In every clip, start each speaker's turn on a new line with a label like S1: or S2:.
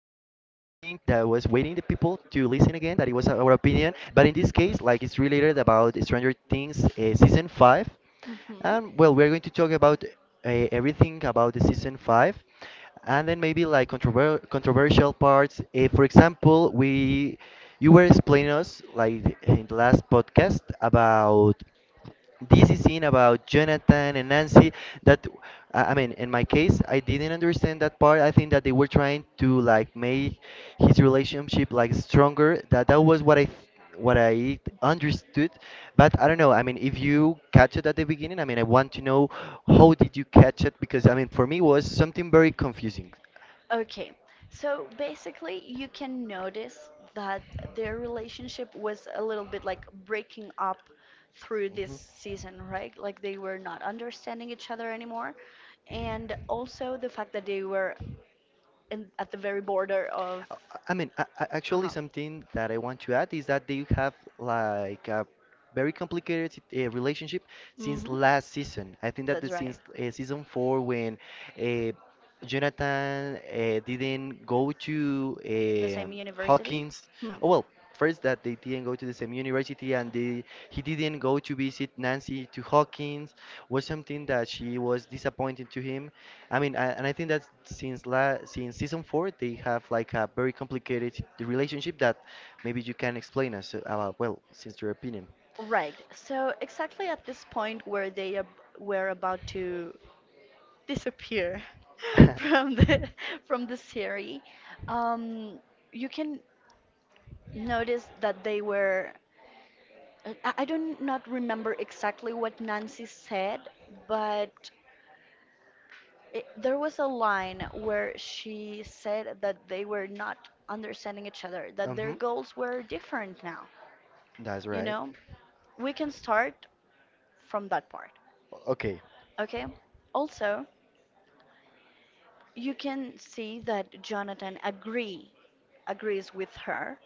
S1: waiting the people to listen again. That it was our opinion, but in this case, like it's related about Stranger Things season five.
S2: Mhm.
S1: And well, we're going to talk about everything about the season five, and then maybe like controversial parts. For example, we you were explaining us like in the last podcast about this scene about Jonathan and Nancy that I mean, in my case, I didn't understand that part. I think that they were trying to like make his relationship like stronger. That was what I understood, but I don't know. I mean, if you catch it at the beginning, I mean, I want to know how did you catch it, because I mean for me it was something very confusing.
S2: Okay, so basically, you can notice that their relationship was a little bit like breaking up through this
S1: Hmm.
S2: season, right? Like they were not understanding each other anymore. And also the fact that they were in, at the very border of.
S1: Uh, I mean, actually,
S2: Uh-huh.
S1: something that I want to add is that they have like a very complicated relationship since
S2: Hmm.
S1: last season. I think that the
S2: That's right.
S1: since season four, when uh, Jonathan didn't go to
S2: The same university?
S1: Hawkins.
S2: Hmm.
S1: Oh, well, first, that they didn't go to the same university, and they, he didn't go to visit Nancy to Hawkins was something that she was disappointed to him. I mean, and I think that since season four, they have like a very complicated relationship that maybe you can explain us about. Well, since your opinion.
S2: Right. So exactly at this point where they were about to disappear from the from the series, um, you can notice that they were. I don't not remember exactly what Nancy said, but there was a line where she said that they were not understanding each other, that their
S1: Mm-hmm.
S2: goals were different now.
S1: That's
S2: You
S1: right.
S2: know, we can start from that part.
S1: Okay.
S2: Okay. Also, you can see that Jonathan agrees with her.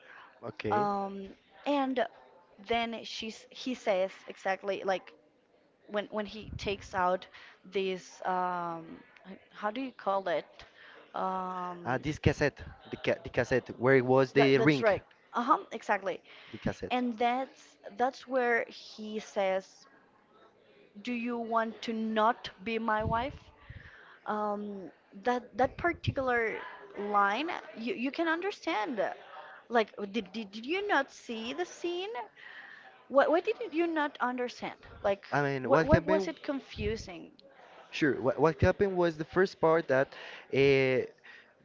S1: Okay.
S2: Um, and then she's he says exactly like when he takes out this how do you call it? Um,
S1: This cassette, the cassette, where was
S2: that,
S1: the
S2: that's
S1: ring?
S2: right. Uh-huh, exactly.
S1: The cassette.
S2: And that's where he says, "Do you want to not be my wife?" Um, that particular line, you can understand. Like, did you not see the scene? What did you not understand? Like
S1: I mean,
S2: what
S1: what
S2: what was
S1: happened?
S2: it confusing?
S1: Sure. What happened was the first part that uh,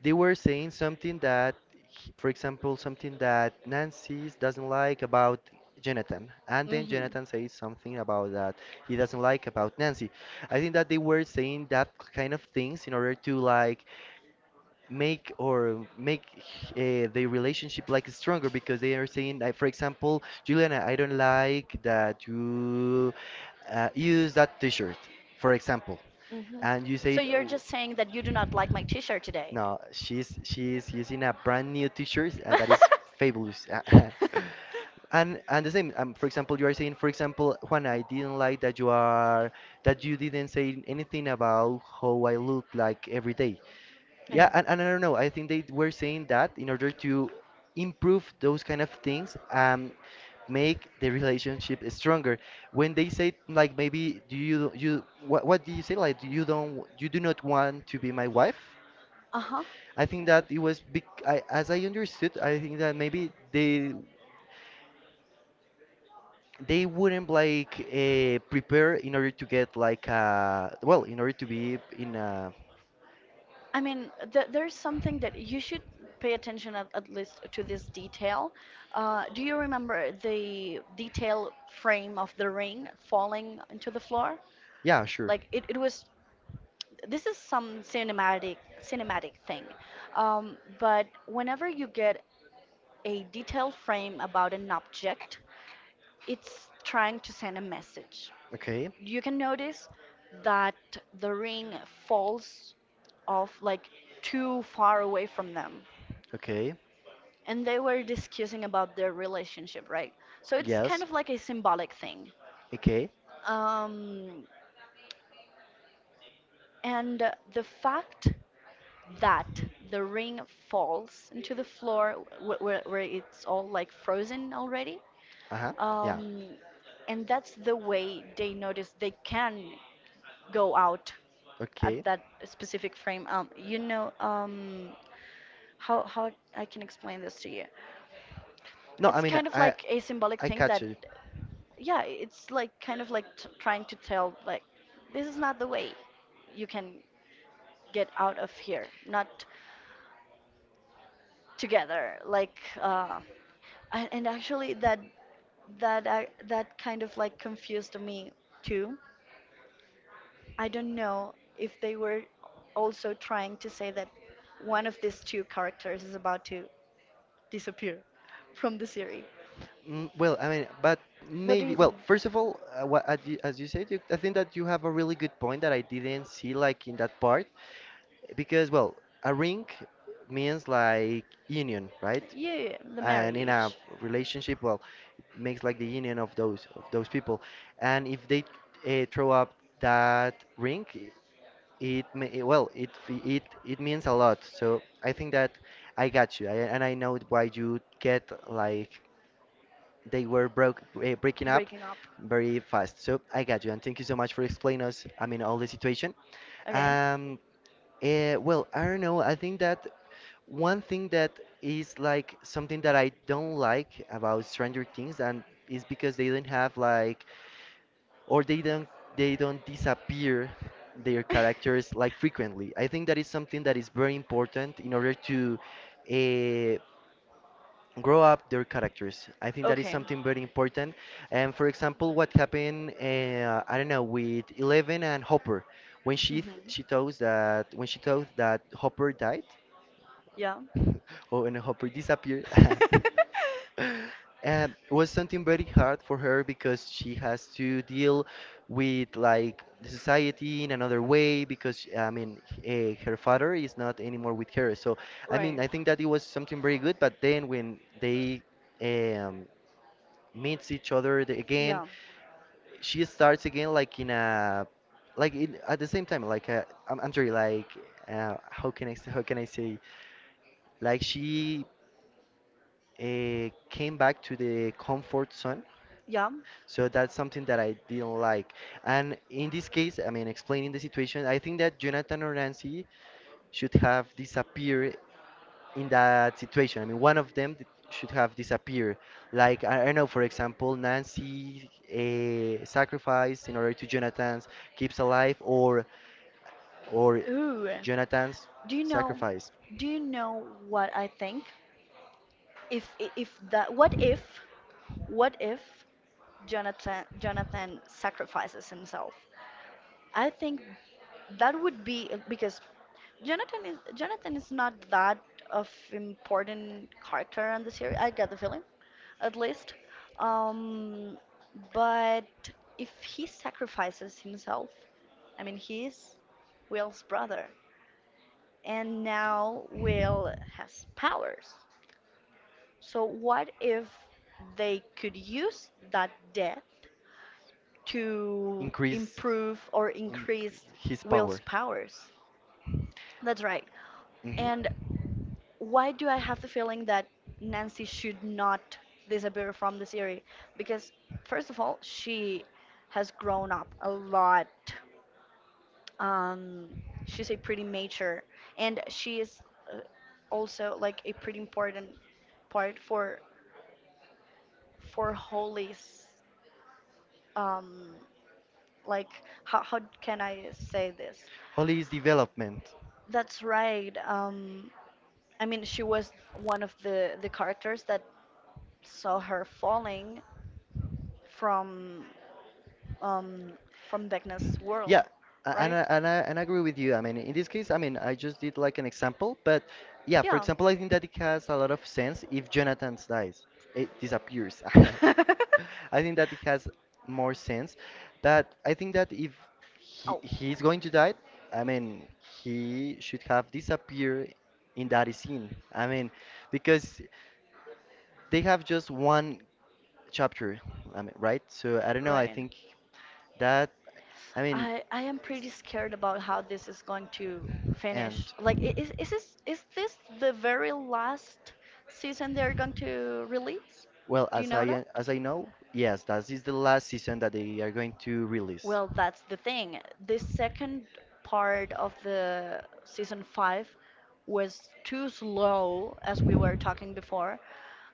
S1: they were saying something that, for example, something that Nancy doesn't like about Jonathan, and then
S2: Mm-hmm.
S1: Jonathan says something about that he doesn't like about Nancy. I think that they were saying that kind of things in order to like make their relationship like stronger, because they are saying, like, for example, Juliana, I don't like that you use that t-shirt, for example,
S2: Mm-hmm.
S1: and you
S2: So
S1: said,
S2: you're
S1: "Oh,
S2: just saying that you do not like my t-shirt today.
S1: no, she's using a brand new t-shirt that is fabulous." And the same, for example, you are saying, for example, Juan, I didn't like that you are that you didn't say anything about how I look like every day.
S2: Okay.
S1: Yeah, and I don't know. I think they were saying that in order to improve those kind of things, make the relationship stronger. When they say like, maybe, do you, what do you say, like, you do not want to be my wife?
S2: Uh-huh.
S1: I think that it was big. As I understood, I think that maybe they wouldn't like prepare in order to get like well, in order to be in.
S2: I mean, there's something that you should pay attention at least to this detail. Do you remember the detail frame of the ring falling into the floor?
S1: Yeah, sure.
S2: Like it was. This is some cinematic thing, but whenever you get a detail frame about an object, it's trying to send a message.
S1: Okay,
S2: You can notice that the ring falls off like too far away from them.
S1: okay.
S2: And they were discussing about their relationship, right? So it's kind
S1: Yes.
S2: of like a symbolic thing.
S1: Okay.
S2: Um, and the fact that the ring falls into the floor where it's all like frozen already,
S1: Uh-huh. Yeah.
S2: um, and that's the way they notice they can go out at
S1: Okay.
S2: that specific frame. How I can explain this to you?
S1: No, I
S2: It's
S1: mean,
S2: kind of
S1: I
S2: like a symbolic
S1: I
S2: thing
S1: catch
S2: that
S1: you.
S2: yeah, it's like kind of like trying to tell like this is not the way you can get out of here, not together. Like and actually that that kind of like confused me too. I don't know if they were also trying to say that one of these two characters is about to disappear from the series.
S1: Mm, well, I mean, but
S2: What do
S1: maybe.
S2: you
S1: Well,
S2: think?
S1: first of all, what, as you said, I think that you have a really good point that I didn't see like in that part, because, well, a ring means like union, right?
S2: Yeah, yeah, yeah, the
S1: And in a
S2: marriage,
S1: relationship, well, it makes like the union of those people, and if they throw up that ring, It may, well, it fe- it means a lot. So I think that I got you. And I know why you get like they were breaking up
S2: breaking up.
S1: very fast. So I got you, and thank you so much for explaining us. I mean, all the situation.
S2: Okay.
S1: Um, well, I don't know. I think that one thing that is like something that I don't like about Stranger Things, and is because they did not have like, or they don't disappear their characters like frequently. I think that is something that is very important in order to uh, grow up their characters. I think that is
S2: Okay.
S1: something very important. And for example, what happened, I don't know, with Eleven and Hopper when she
S2: Hmm.
S1: th- she thought that when she thought that Hopper died.
S2: Yeah.
S1: Or when Hopper disappeared. And it was something very hard for her because she has to deal with, like, the society in another way, because I mean her father is not anymore with her. So I
S2: Right.
S1: mean, I think that it was something very good. But then when they um, meets each other again,
S2: Yeah.
S1: she starts again like in a, like in, at the same time, like I'm sorry, like, how can I say, like she came back to the comfort zone.
S2: Yeah.
S1: So that's something that I didn't like. And in this case, I mean, explaining the situation, I think that Jonathan or Nancy should have disappeared in that situation. I mean, one of them should have disappeared. Like, I don't know, for example, Nancy, sacrificed in order to Jonathan's keeps alive, or or
S2: Ooh.
S1: Jonathan's
S2: Do you know
S1: sacrifice
S2: do you know what I think? If I- if that what if Jonathan sacrifices himself? I think that would be because Jonathan is not that of important character on the series. I get the feeling, at least. Um, but if he sacrifices himself, I mean, he's Will's brother, and now Will has powers. So what if they could use that death to
S1: increase,
S2: improve or
S1: increase
S2: increase
S1: his
S2: Will's
S1: power.
S2: powers? That's right.
S1: Mhm.
S2: And why do I have the feeling that Nancy should not disappear from the series? Because, first of all, she has grown up a lot. Um, she's a pretty mature, and she is uh, also like a pretty important part for Holly's um like how can I say this?
S1: Holly's development.
S2: That's right. I mean, she was one of the characters that saw her falling from um, from Vecna's
S1: Yeah,
S2: world,
S1: a- and
S2: right?
S1: I, and I, and I agree with you. I mean, in this case, I mean, I just did like an example, but yeah, for
S2: Yeah.
S1: example, I think that it has a lot of sense if Jonathan dies, it disappears. I think that it has more sense, but I think that if
S2: Oh,
S1: he's going to die, I mean, he should have disappeared in that scene. I mean, because they have just one chapter, I mean, right? So I don't know. I
S2: right.
S1: think that, I mean,
S2: I am pretty scared about how this is going to
S1: and
S2: finish. Like, is this the very last season they're going to release?
S1: well,
S2: Do you know that?
S1: as I know, yes, that is the last season that they are going to release.
S2: Well, that's the thing. This second part of the season five was too slow, as we were talking before.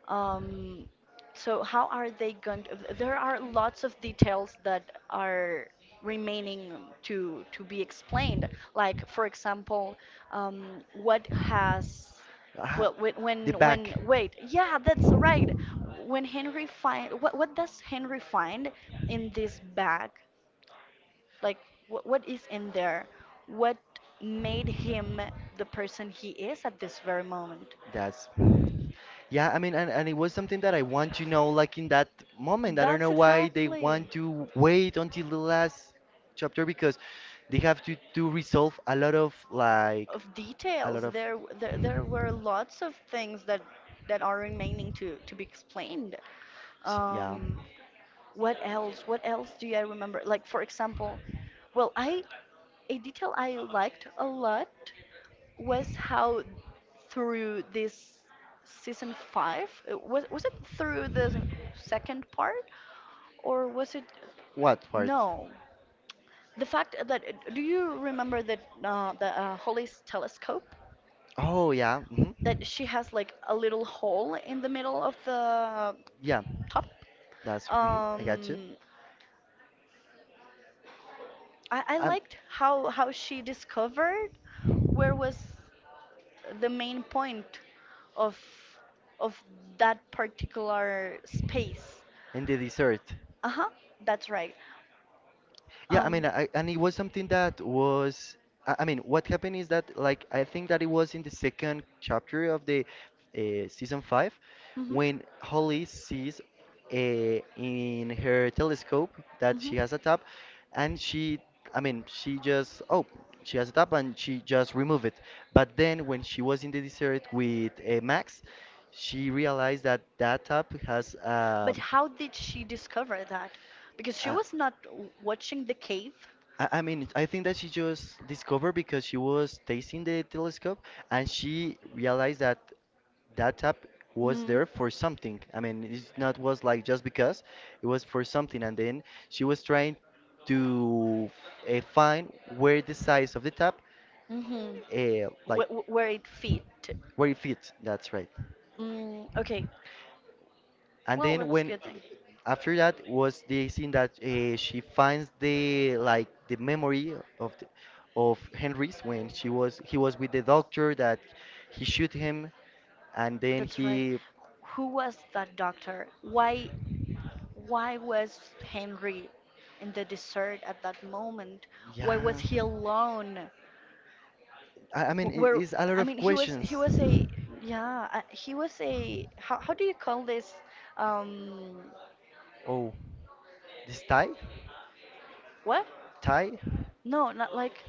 S2: Um, so how are they there are lots of details that are remaining to be explained. Like, for example, what has
S1: Ah,
S2: well,
S1: the back.
S2: wait, yeah, that's right. When Henry find, what does Henry find in this bag like, what is in there? What made him the person he is at this very moment?
S1: That's, yeah, I mean, and it was something that I want to know like in that moment. I don't
S2: That's
S1: know why they want
S2: exactly.
S1: to wait until the last chapter, because they have to resolve a lot of, like,
S2: Of
S1: a
S2: details.
S1: lot of
S2: There were lots of things that are remaining to be explained.
S1: yeah.
S2: Um, what else? What else do I remember? Like for example, well, I a detail I liked a lot was how through this season five was it through the second part or was it?
S1: What part?
S2: No, the fact that, do you remember that the Holly's telescope
S1: Oh yeah, mhm,
S2: that she has like a little hole in the middle of the
S1: yeah.
S2: top?
S1: That's mhm, I got you.
S2: um I
S1: Um,
S2: liked how she discovered where was the main point of of that particular space.
S1: and the dessert.
S2: Uh-huh, that's right.
S1: Yeah, I
S2: Um,
S1: mean, and it was something that was, I mean, what happened is that, like, I think that it was in the second chapter of the season five
S2: mhm,
S1: when Holly sees, uh, in her telescope, that
S2: mhm.
S1: she has a tap, and she, I mean, she just, oh, she has a tap and she just remove it. But then when she was in the desert with Max, she realized that that tap has
S2: But how did she discover that? Because she
S1: a
S2: was not watching the cave.
S1: I mean, I think that she just discovered because she was tasting the telescope and she realized that that tap was
S2: Mhm.
S1: there for something. I mean, it's not was like just because it was for something, and then she was trying to find where the size of the tap,
S2: Mhm.
S1: like
S2: Where it fit.
S1: where it fits. That's right.
S2: Mm, okay.
S1: And
S2: Well,
S1: then
S2: that's a
S1: when,
S2: good thing.
S1: after that, was the scene that she finds the, memory of the, of Henry's, when she was he was with the doctor that he shoot him, and then
S2: That's right.
S1: he,
S2: Who was that doctor? Why was Henry in the desert at that moment? Why
S1: yeah.
S2: was he alone?
S1: I mean,
S2: Wh-
S1: it
S2: Where
S1: is a lot
S2: I
S1: of
S2: mean he was
S1: questions.
S2: he was a yeah, he was a how do you call this um
S1: Oh, this tie?
S2: what?
S1: Tie?
S2: No, not like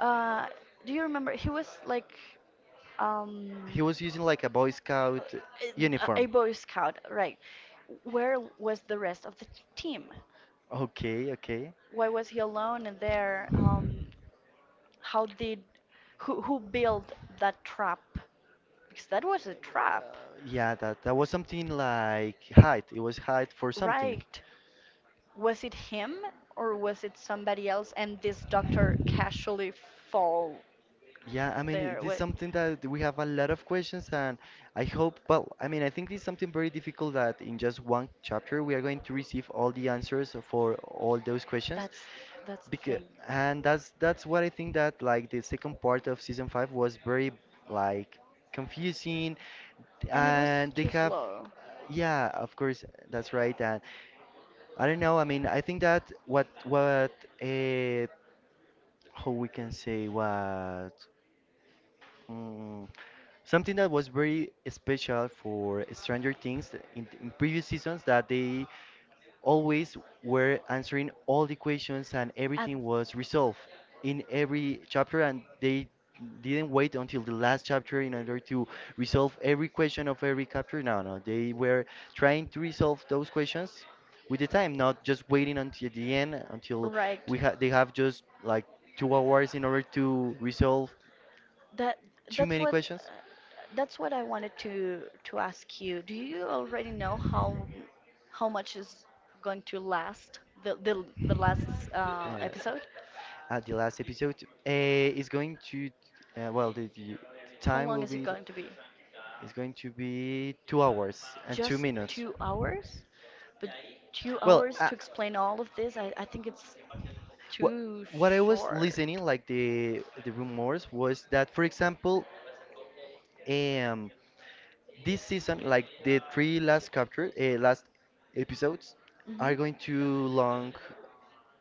S2: uh do you remember he was like um
S1: He was using like a Boy
S2: uh,
S1: Scout
S2: a
S1: uniform.
S2: boy scout, right? Where was the rest of the team?
S1: Okay, okay.
S2: Why was he alone and there? How did who built that trap? Because that was a trap,
S1: Uh, yeah, that was something like hide. It was hide for something.
S2: right? Was it him or was it somebody else? And this doctor casually fall
S1: Yeah, I mean, it
S2: there.
S1: is
S2: Wait,
S1: something that we have a lot of questions, and I hope, well, I mean, I think it's something very difficult that in just one chapter we are going to receive all the answers for all those questions.
S2: that's that's the
S1: Because,
S2: thing.
S1: and that's what I think that, like, the second part of season five was very, like, confusing,
S2: And it was
S1: and they
S2: too
S1: have,
S2: slow.
S1: yeah, of course, that's right, and I don't know, I mean, I think that what uh, how we can say what. Mm, something that was very special for Stranger
S2: in
S1: Things in previous seasons,
S2: the
S1: that they always were answering all the questions and
S2: At,
S1: everything was resolved in every chapter, and they didn't wait until the last chapter in order to resolve every question of every chapter. No, no, they were trying to resolve those questions with the time, not just waiting until the end until
S2: right.
S1: we ha they have just like 2 hours in order to resolve
S2: That
S1: too
S2: that's
S1: many
S2: human what questions.
S1: questions?
S2: That's what I wanted to ask you. Do you already know how much is going to last the last
S1: Uh,
S2: episode?
S1: at the last episode is going to well the
S2: How
S1: time
S2: long
S1: will
S2: is it
S1: be
S2: going to be?
S1: is going to be 2 hours and two
S2: Just
S1: minutes
S2: 2 hours, but two
S1: Well,
S2: hours to explain all of this, I think it's
S1: what
S2: too
S1: what I was
S2: short.
S1: listening, like the rumors was that, for example, um this season, like the three last capture, last episodes,
S2: Hmm.
S1: are going to long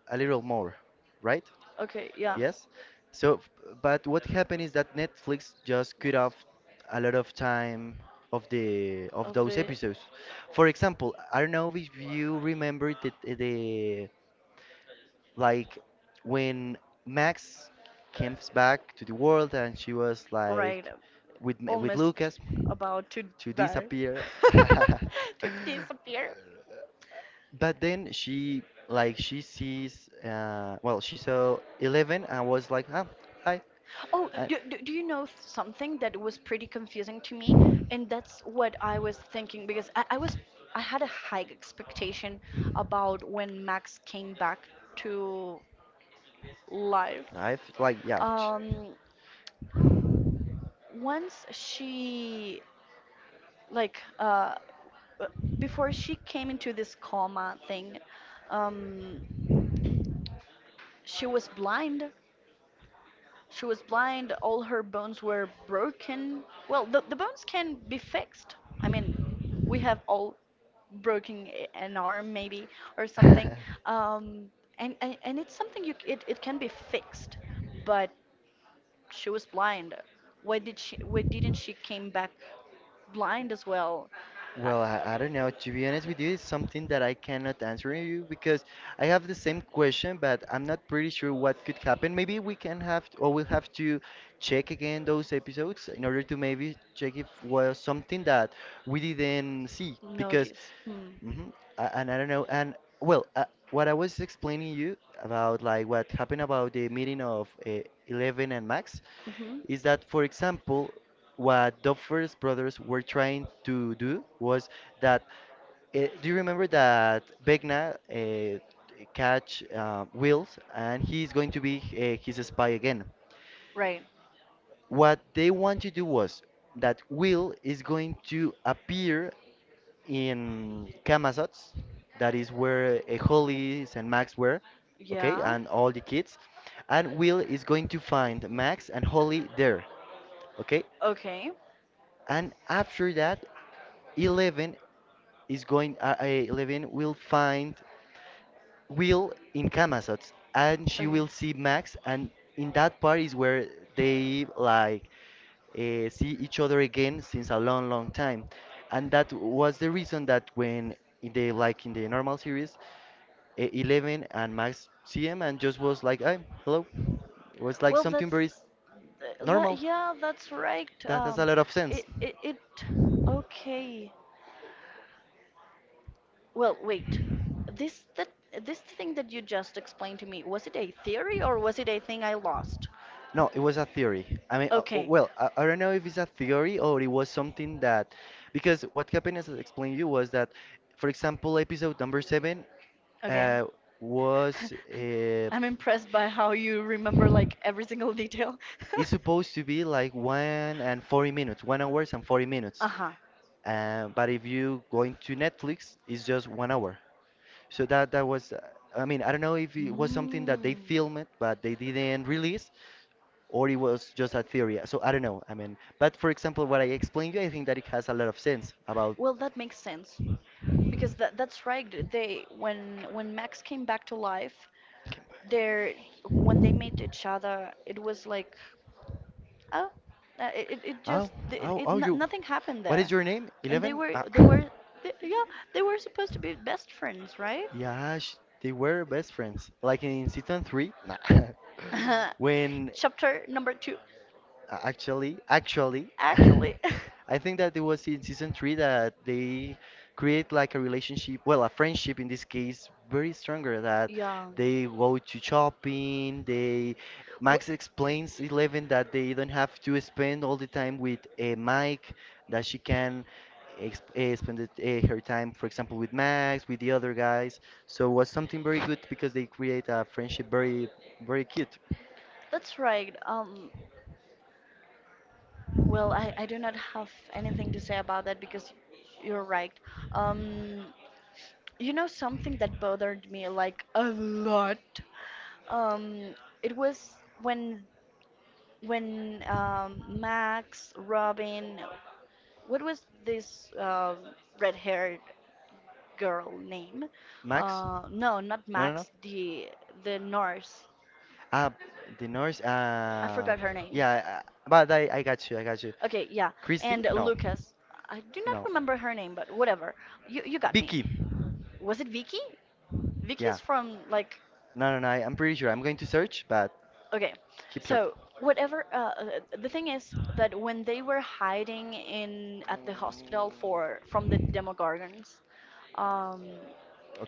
S1: a little more, right?
S2: Okay, yeah.
S1: Yes. So, but what happened is that Netflix just cut off
S2: Lost.
S1: a lot of time of the of
S2: Of
S1: those
S2: the.
S1: episodes. For example, I don't know if you remember the like when Max comes back to the world and she was
S2: Right,
S1: like with with
S2: almost
S1: Lucas
S2: about to
S1: to
S2: die.
S1: disappear.
S2: To disappear.
S1: But then she, like she sees, well, she saw Eleven and was like, "Ah, hi."
S2: Oh,
S1: I
S2: do you know something that was pretty confusing to me? And that's what I was thinking because I had a high expectation about when Max came back to life.
S1: I've like yeah ch-
S2: Um, Once she like uh, before she came into this coma thing, um, she was blind. She was blind, all her bones were broken. Well, the bones can be fixed. I mean, we have all broken an arm maybe or something. Um, and it's something it can be fixed, but she was blind. Why didn't she came back blind as well? I,
S1: Well, I don't know, to be honest with you. It's something that I cannot answer you because I have the same question, but I'm not pretty sure what could happen. Maybe we can have, or we'll have to check again those episodes in order to maybe check if was something that we didn't see
S2: no,
S1: because
S2: this. Hmm.
S1: hmm and I don't know. And well, what I was explaining you about like what happened about the meeting of Eleven and Max
S2: Hmm.
S1: is that, for example, what the first brothers were trying to do was that. Do you remember that Vecna catch Wills, and he's going to be his spy again?
S2: Right.
S1: What they want to do was that Will is going to appear in Camazotz, that is where Hollis and Max were, okay,
S2: Yeah.
S1: and all the kids. And Will is going to find Max and Holly there, okay?
S2: Okay.
S1: And after that, Eleven is going, Eleven will find will in Camazotz, and she
S2: Okay.
S1: will see Max, and in that part is where they like see each other again since a long, long time. And that was the reason that when in the like in the normal series, Eleven and Max see him and just was like, "I hello," was like
S2: Well,
S1: something very normal.
S2: Yeah, that's right.
S1: That has a lot of
S2: It,
S1: sense.
S2: it, it, okay. Well, wait. This that this thing that you just explained to me, was it a theory or was it a thing I lost?
S1: No, it was a theory. I mean,
S2: Okay.
S1: well, I don't know if it's a theory or it was something that, because what happened, as I explained you, was that, for example, episode number seven
S2: Okay.
S1: uh, was
S2: I'm impressed by how you remember like every single detail.
S1: it's supposed to be like one and 40 minutes, 1 hour and 40 minutes.
S2: Uh-huh.
S1: But if you going to Netflix, it's just 1 hour. So that that was, I mean, I don't know if it was something that they
S2: Mm.
S1: filmed but they didn't release, or it was just a theory. So I don't know. I mean, but for example, what I explained you, I think that it has a lot of sense about.
S2: Well, that makes sense. Because that's right. They When Max came back to life,
S1: Came back.
S2: there when they met each other, it was like, oh, it
S1: Oh,
S2: just it,
S1: oh,
S2: it
S1: oh,
S2: no,
S1: you.
S2: nothing happened
S1: What is
S2: there,
S1: your name?
S2: and they
S1: Eleven?
S2: were
S1: Ah.
S2: they were they, yeah they were supposed to be best friends, right?
S1: Yeah, sh they were best friends. Like in season 3, nah. When
S2: Chapter number two,
S1: Actually,
S2: actually.
S1: I think that it was in season 3 that they create like a relationship, well, a friendship in this case, very stronger that
S2: Yeah.
S1: they go to shopping, they
S2: Wh-
S1: Max explains Eleven that they don't have to spend all the time with Mike, that she can exp spend it, her time, for example, with Max, with the other guys. So it was something very good because they create a friendship very, very cute.
S2: That's right. Well, I do not have anything to say about that because you're right. Um, you know something that bothered me like a lot. Um, it was when when Max, Robin, what was this red-haired girl name.
S1: Max? No,
S2: No, not
S1: no, no.
S2: Max, the nurse.
S1: Uh, the Norse.
S2: I forgot her name.
S1: Yeah, but I got you. I got you.
S2: Okay, yeah,
S1: Christy?
S2: and
S1: No,
S2: Lucas. I do not
S1: no.
S2: remember her name, but whatever. You got me.
S1: Vicky.
S2: Was it Vicky? Vicky
S1: Yeah.
S2: is from like
S1: No, no, no. I'm pretty sure. I'm going to search, but
S2: Okay,
S1: keep talking.
S2: so whatever the thing is that when they were hiding in at the hospital for from the Demogorgons, um,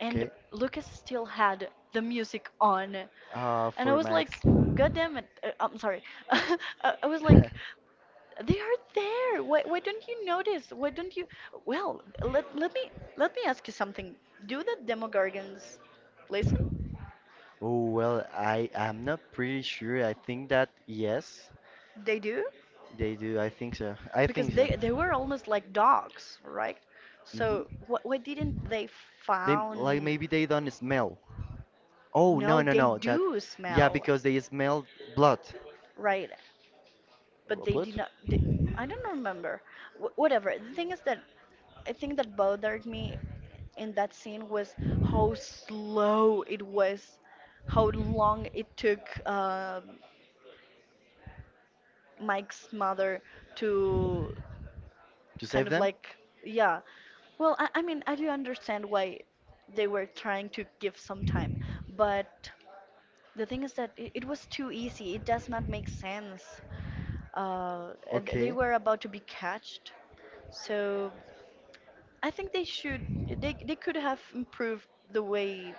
S2: and Lucas still had the music on, and I
S1: For
S2: was
S1: Max.
S2: like, "God damn it!" I'm sorry. I was like, "They are there. Why don't you notice? Why don't you?" Well, let me ask you something. Do the Demogorgons listen?
S1: Oh well, I am not pretty sure. I think that yes,
S2: They do.
S1: they do. I think so. I
S2: Because
S1: think so.
S2: they were almost like dogs, right? So
S1: hmm
S2: what why didn't they
S1: They
S2: found?
S1: like maybe they don't smell. Oh
S2: No,
S1: no no
S2: they
S1: no that
S2: do
S1: yeah
S2: smell,
S1: because they smell blood.
S2: right? But they
S1: Blood
S2: did not. I don't remember. Whatever. The thing is that I think that bothered me in that scene was how slow it was, how long it took Mike's mother to
S1: to
S2: kind
S1: save
S2: of
S1: them.
S2: like yeah well I mean I do understand why they were trying to give some time but the thing is that it was too easy it does not make sense uh, they
S1: Okay.
S2: were about to be catched so I think they could have improved the way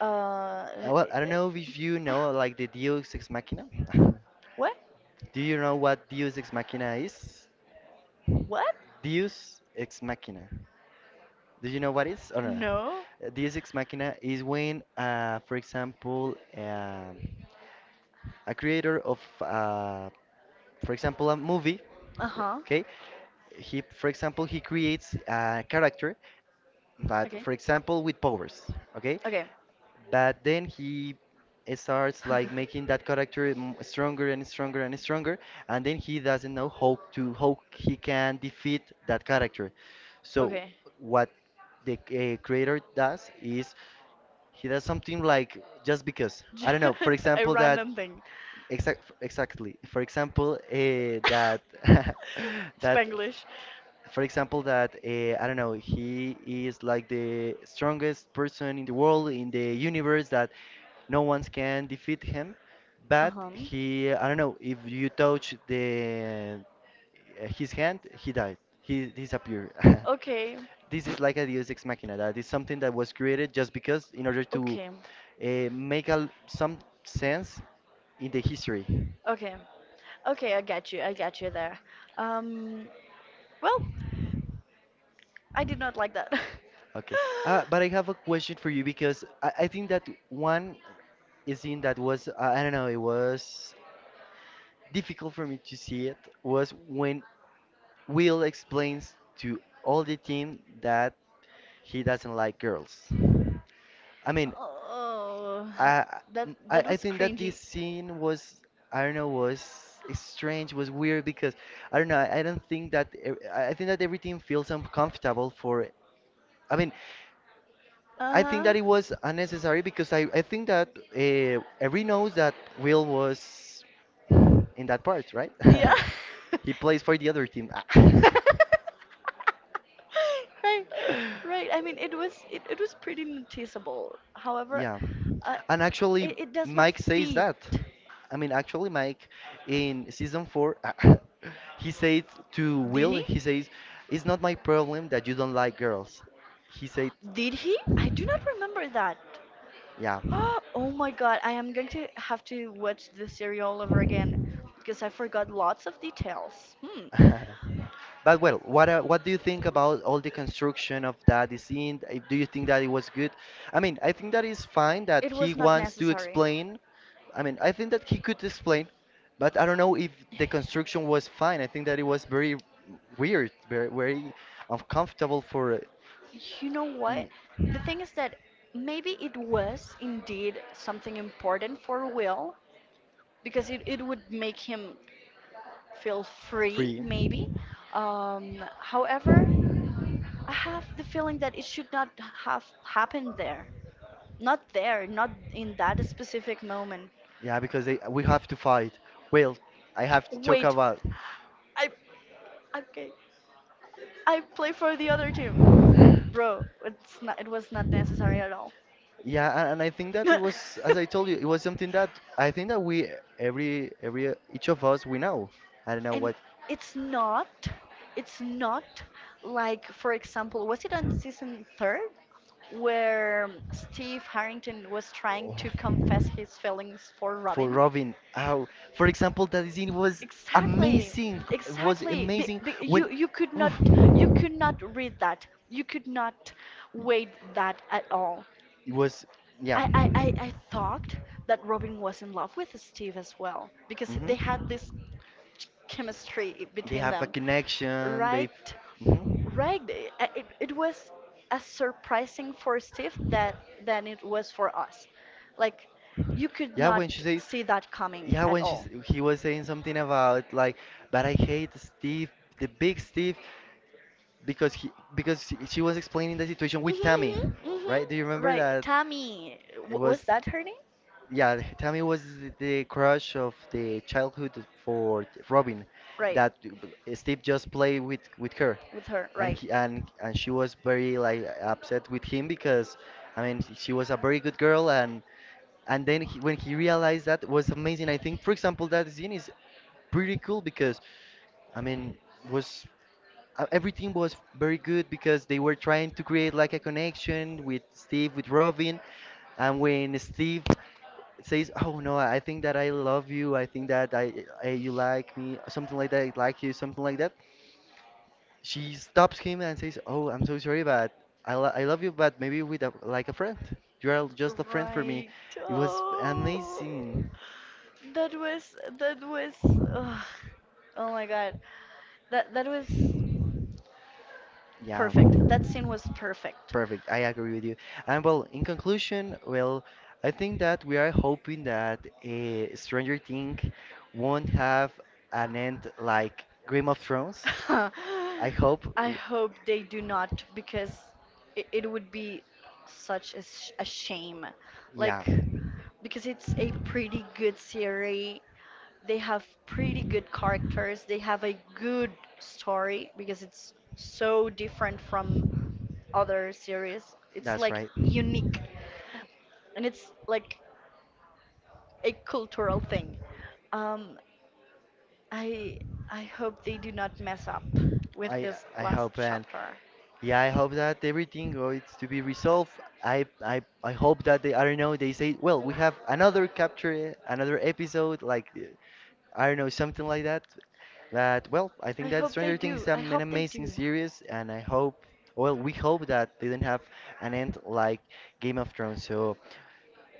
S2: uh,
S1: Well, I don't know if you know like the Deus Ex Machina.
S2: what
S1: Do you know what Deus Ex Machina is?
S2: what
S1: Deus Ex Machina. Do you know what it is or no?
S2: No.
S1: Deus Ex Machina is when, for example, a creator of, for example, a movie,
S2: Uh-huh.
S1: okay? He, for example, he creates a character but
S2: Okay,
S1: for example with powers, okay,
S2: okay.
S1: but then he starts like making that character stronger and stronger and stronger, and then he doesn't know how to how he can defeat that character. So
S2: Okay.
S1: what the creator does is he does something like just because, I don't know,
S2: Ju-
S1: for
S2: A
S1: example that
S2: random thing.
S1: exactly, for example, that that
S2: Spanglish.
S1: for example, that I don't know, he is like the strongest person in the world, in the universe, that no one can defeat him.
S2: Uh
S1: But
S2: huh.
S1: he, I don't know, if you touch the his hand, he died. He disappeared.
S2: Okay.
S1: This is like a Deus Ex Machina. That is something that was created just because, in order to
S2: Okay.
S1: make a, some sense in the history.
S2: Okay. Okay, I got you. I got you there. Um, well, I did not like that.
S1: Okay. But I have a question for you because I think that one scene that was, I don't know, it was difficult for me to see it, was when Will explains to all the team that he doesn't like girls. I mean,
S2: Oh,
S1: I,
S2: that
S1: I
S2: that
S1: I
S2: was
S1: think that this
S2: cringy.
S1: scene was, I don't know, was strange, was weird, because I don't know, I don't think that I think that everything feels uncomfortable for I mean,
S2: Uh
S1: I think
S2: huh.
S1: that it was unnecessary because I think that every knows that Will was in that part, right?
S2: Yeah.
S1: He plays for the other team. Ah.
S2: Right, right. I mean, it was pretty noticeable. However,
S1: Yeah.
S2: uh,
S1: And actually,
S2: it does not
S1: Mike says
S2: fit.
S1: that. I mean, actually, Mike in season 4, he said to
S2: Did
S1: Will,
S2: he?
S1: he says, "It's not my problem that you don't like girls." He said,
S2: Did he? I do not remember that.
S1: yeah.
S2: Oh my God, I am going to have to watch the series all over again because I forgot lots of details. Hmm.
S1: But well, what do you think about all the construction of that scene? Do you think that it was good? I mean, I think that is fine that
S2: It
S1: he
S2: was not
S1: wants to
S2: necessary.
S1: explain. I mean, I think that he could explain, but I don't know if the construction was fine. I think that it was very weird, very very uncomfortable for
S2: You know what?
S1: me.
S2: The thing is that maybe it was indeed something important for Will because it would make him feel free,
S1: Free.
S2: maybe. However, I have the feeling that it should not have happened there. Not there, not in that specific moment.
S1: Yeah, because they, we have to fight. Well, I have to talk
S2: Wait,
S1: about.
S2: I okay. I play for the other team. Bro, it was not necessary at all.
S1: Yeah, and I think that it was, as I told you, it was something that I think that we every each of us we know. I don't know
S2: And
S1: what
S2: it's not it's not like, for example, was it on season third where Steve Harrington was trying to
S1: oh,
S2: confess his feelings for
S1: for
S2: Robin?
S1: Robin. How, for example, that scene was
S2: exactly
S1: amazing. It was
S2: exactly
S1: amazing
S2: you
S1: when
S2: you could not you
S1: oof,
S2: could not read that, you could not wait that at all.
S1: it was yeah.
S2: I, I, I I thought that Robin was in love with Steve as well because they had this chemistry
S1: They
S2: between
S1: have a
S2: them.
S1: connection. They.
S2: Right,
S1: Mhm.
S2: right. It was as surprising for Steve that than it was for us. Like you could
S1: Yeah,
S2: not
S1: when she says,
S2: see that coming
S1: yeah,
S2: at
S1: when she's,
S2: all.
S1: he was saying something about like, but I hate Steve, the big Steve, because he, because she was explaining the situation
S2: Mhm,
S1: with Tammy,
S2: mhm, mhm.
S1: right? Do you remember
S2: Right,
S1: that?
S2: Tammy,
S1: It
S2: w was
S1: was
S2: that her name?
S1: yeah, Tammy was the crush of the childhood for Robin,
S2: Right,
S1: that Steve just played with her,
S2: with her.
S1: and
S2: Right.
S1: he, and she was very like upset with him because, I mean, she was a very good girl, and then he, when he realized that was amazing. I think, for example, that scene is pretty cool because, I mean, was everything was very good because they were trying to create like a connection with Steve, with Robin. And when Steve says, "Oh no, I think that I love you. I think that I you like me, something like that. I like you, something like that." She stops him and says, "Oh, I'm so sorry, but I love you, but maybe with a, like a friend. You are just a friend for me."
S2: Right.
S1: It was
S2: Oh,
S1: amazing.
S2: that was. Ugh. Oh my God. That was
S1: Yeah,
S2: perfect. That scene was perfect.
S1: perfect. I agree with you. And well, in conclusion, well, I think that we are hoping that Stranger Things won't have an end like Game of Thrones. I hope.
S2: I hope they do not because it would be such a shame. Like,
S1: Yeah,
S2: because it's a pretty good series. They have pretty good characters. They have a good story because it's so different from other series. It's
S1: that's
S2: like
S1: right.
S2: unique and it's like a cultural thing. Um, I I hope they do not mess up with
S1: I
S2: this
S1: I
S2: last
S1: hope and
S2: chapter.
S1: yeah, I hope that everything goes to be resolved. I I hope that they, I don't know, they say, "Well, we have another capture, another episode," like I don't know something like that. That well, I
S2: I
S1: think that
S2: hope they
S1: Stranger Things
S2: do.
S1: is
S2: I
S1: an
S2: hope they
S1: amazing
S2: do.
S1: series and I hope well we hope that they don't have an end like Game of Thrones. So.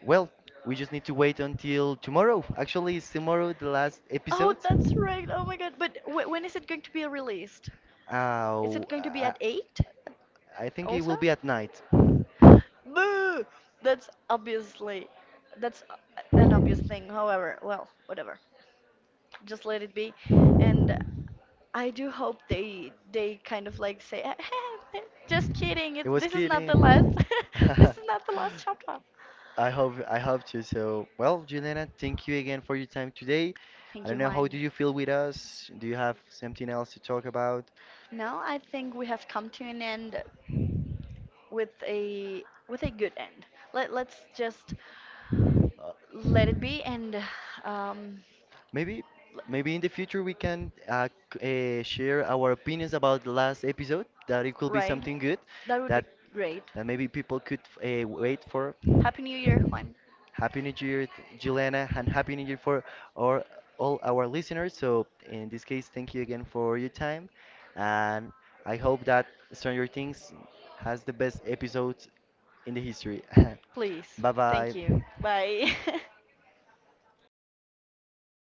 S1: Well, we just need to wait until tomorrow. Actually, is tomorrow the last
S2: Oh,
S1: episode?
S2: that's right. Oh my God. But w when is it going to be released? Is
S1: Uh,
S2: it going to be
S1: I,
S2: at 8
S1: I think it
S2: also?
S1: will be at night.
S2: Boo! That's obviously that's an obvious thing. However, well, whatever. Just let it be and I do hope they kind of like say just kidding
S1: It was
S2: this is not the last
S1: kidding.
S2: this is not the last chapter.
S1: I hope to. So, well, Juliana, thank you again for your time today. I
S2: Thank you,
S1: don't know how do
S2: Juan.
S1: you feel with us? Do you have something else to talk about?
S2: No, I think we have come to an end with a good end. Let's just
S1: Uh,
S2: let it be and um
S1: maybe maybe in the
S2: l-
S1: future we can share our opinions about the last episode. That it could be
S2: right
S1: something good
S2: that would be
S1: that
S2: great.
S1: that maybe people could wait for.
S2: Happy New Year, Juan.
S1: Happy New Year, Juliana, and Happy New Year for our, all our listeners. So, in this case, thank you again for your time. And I hope that Stranger Things has the best episodes in the history.
S2: Please.
S1: Bye
S2: Thank
S1: bye.
S2: you. Bye.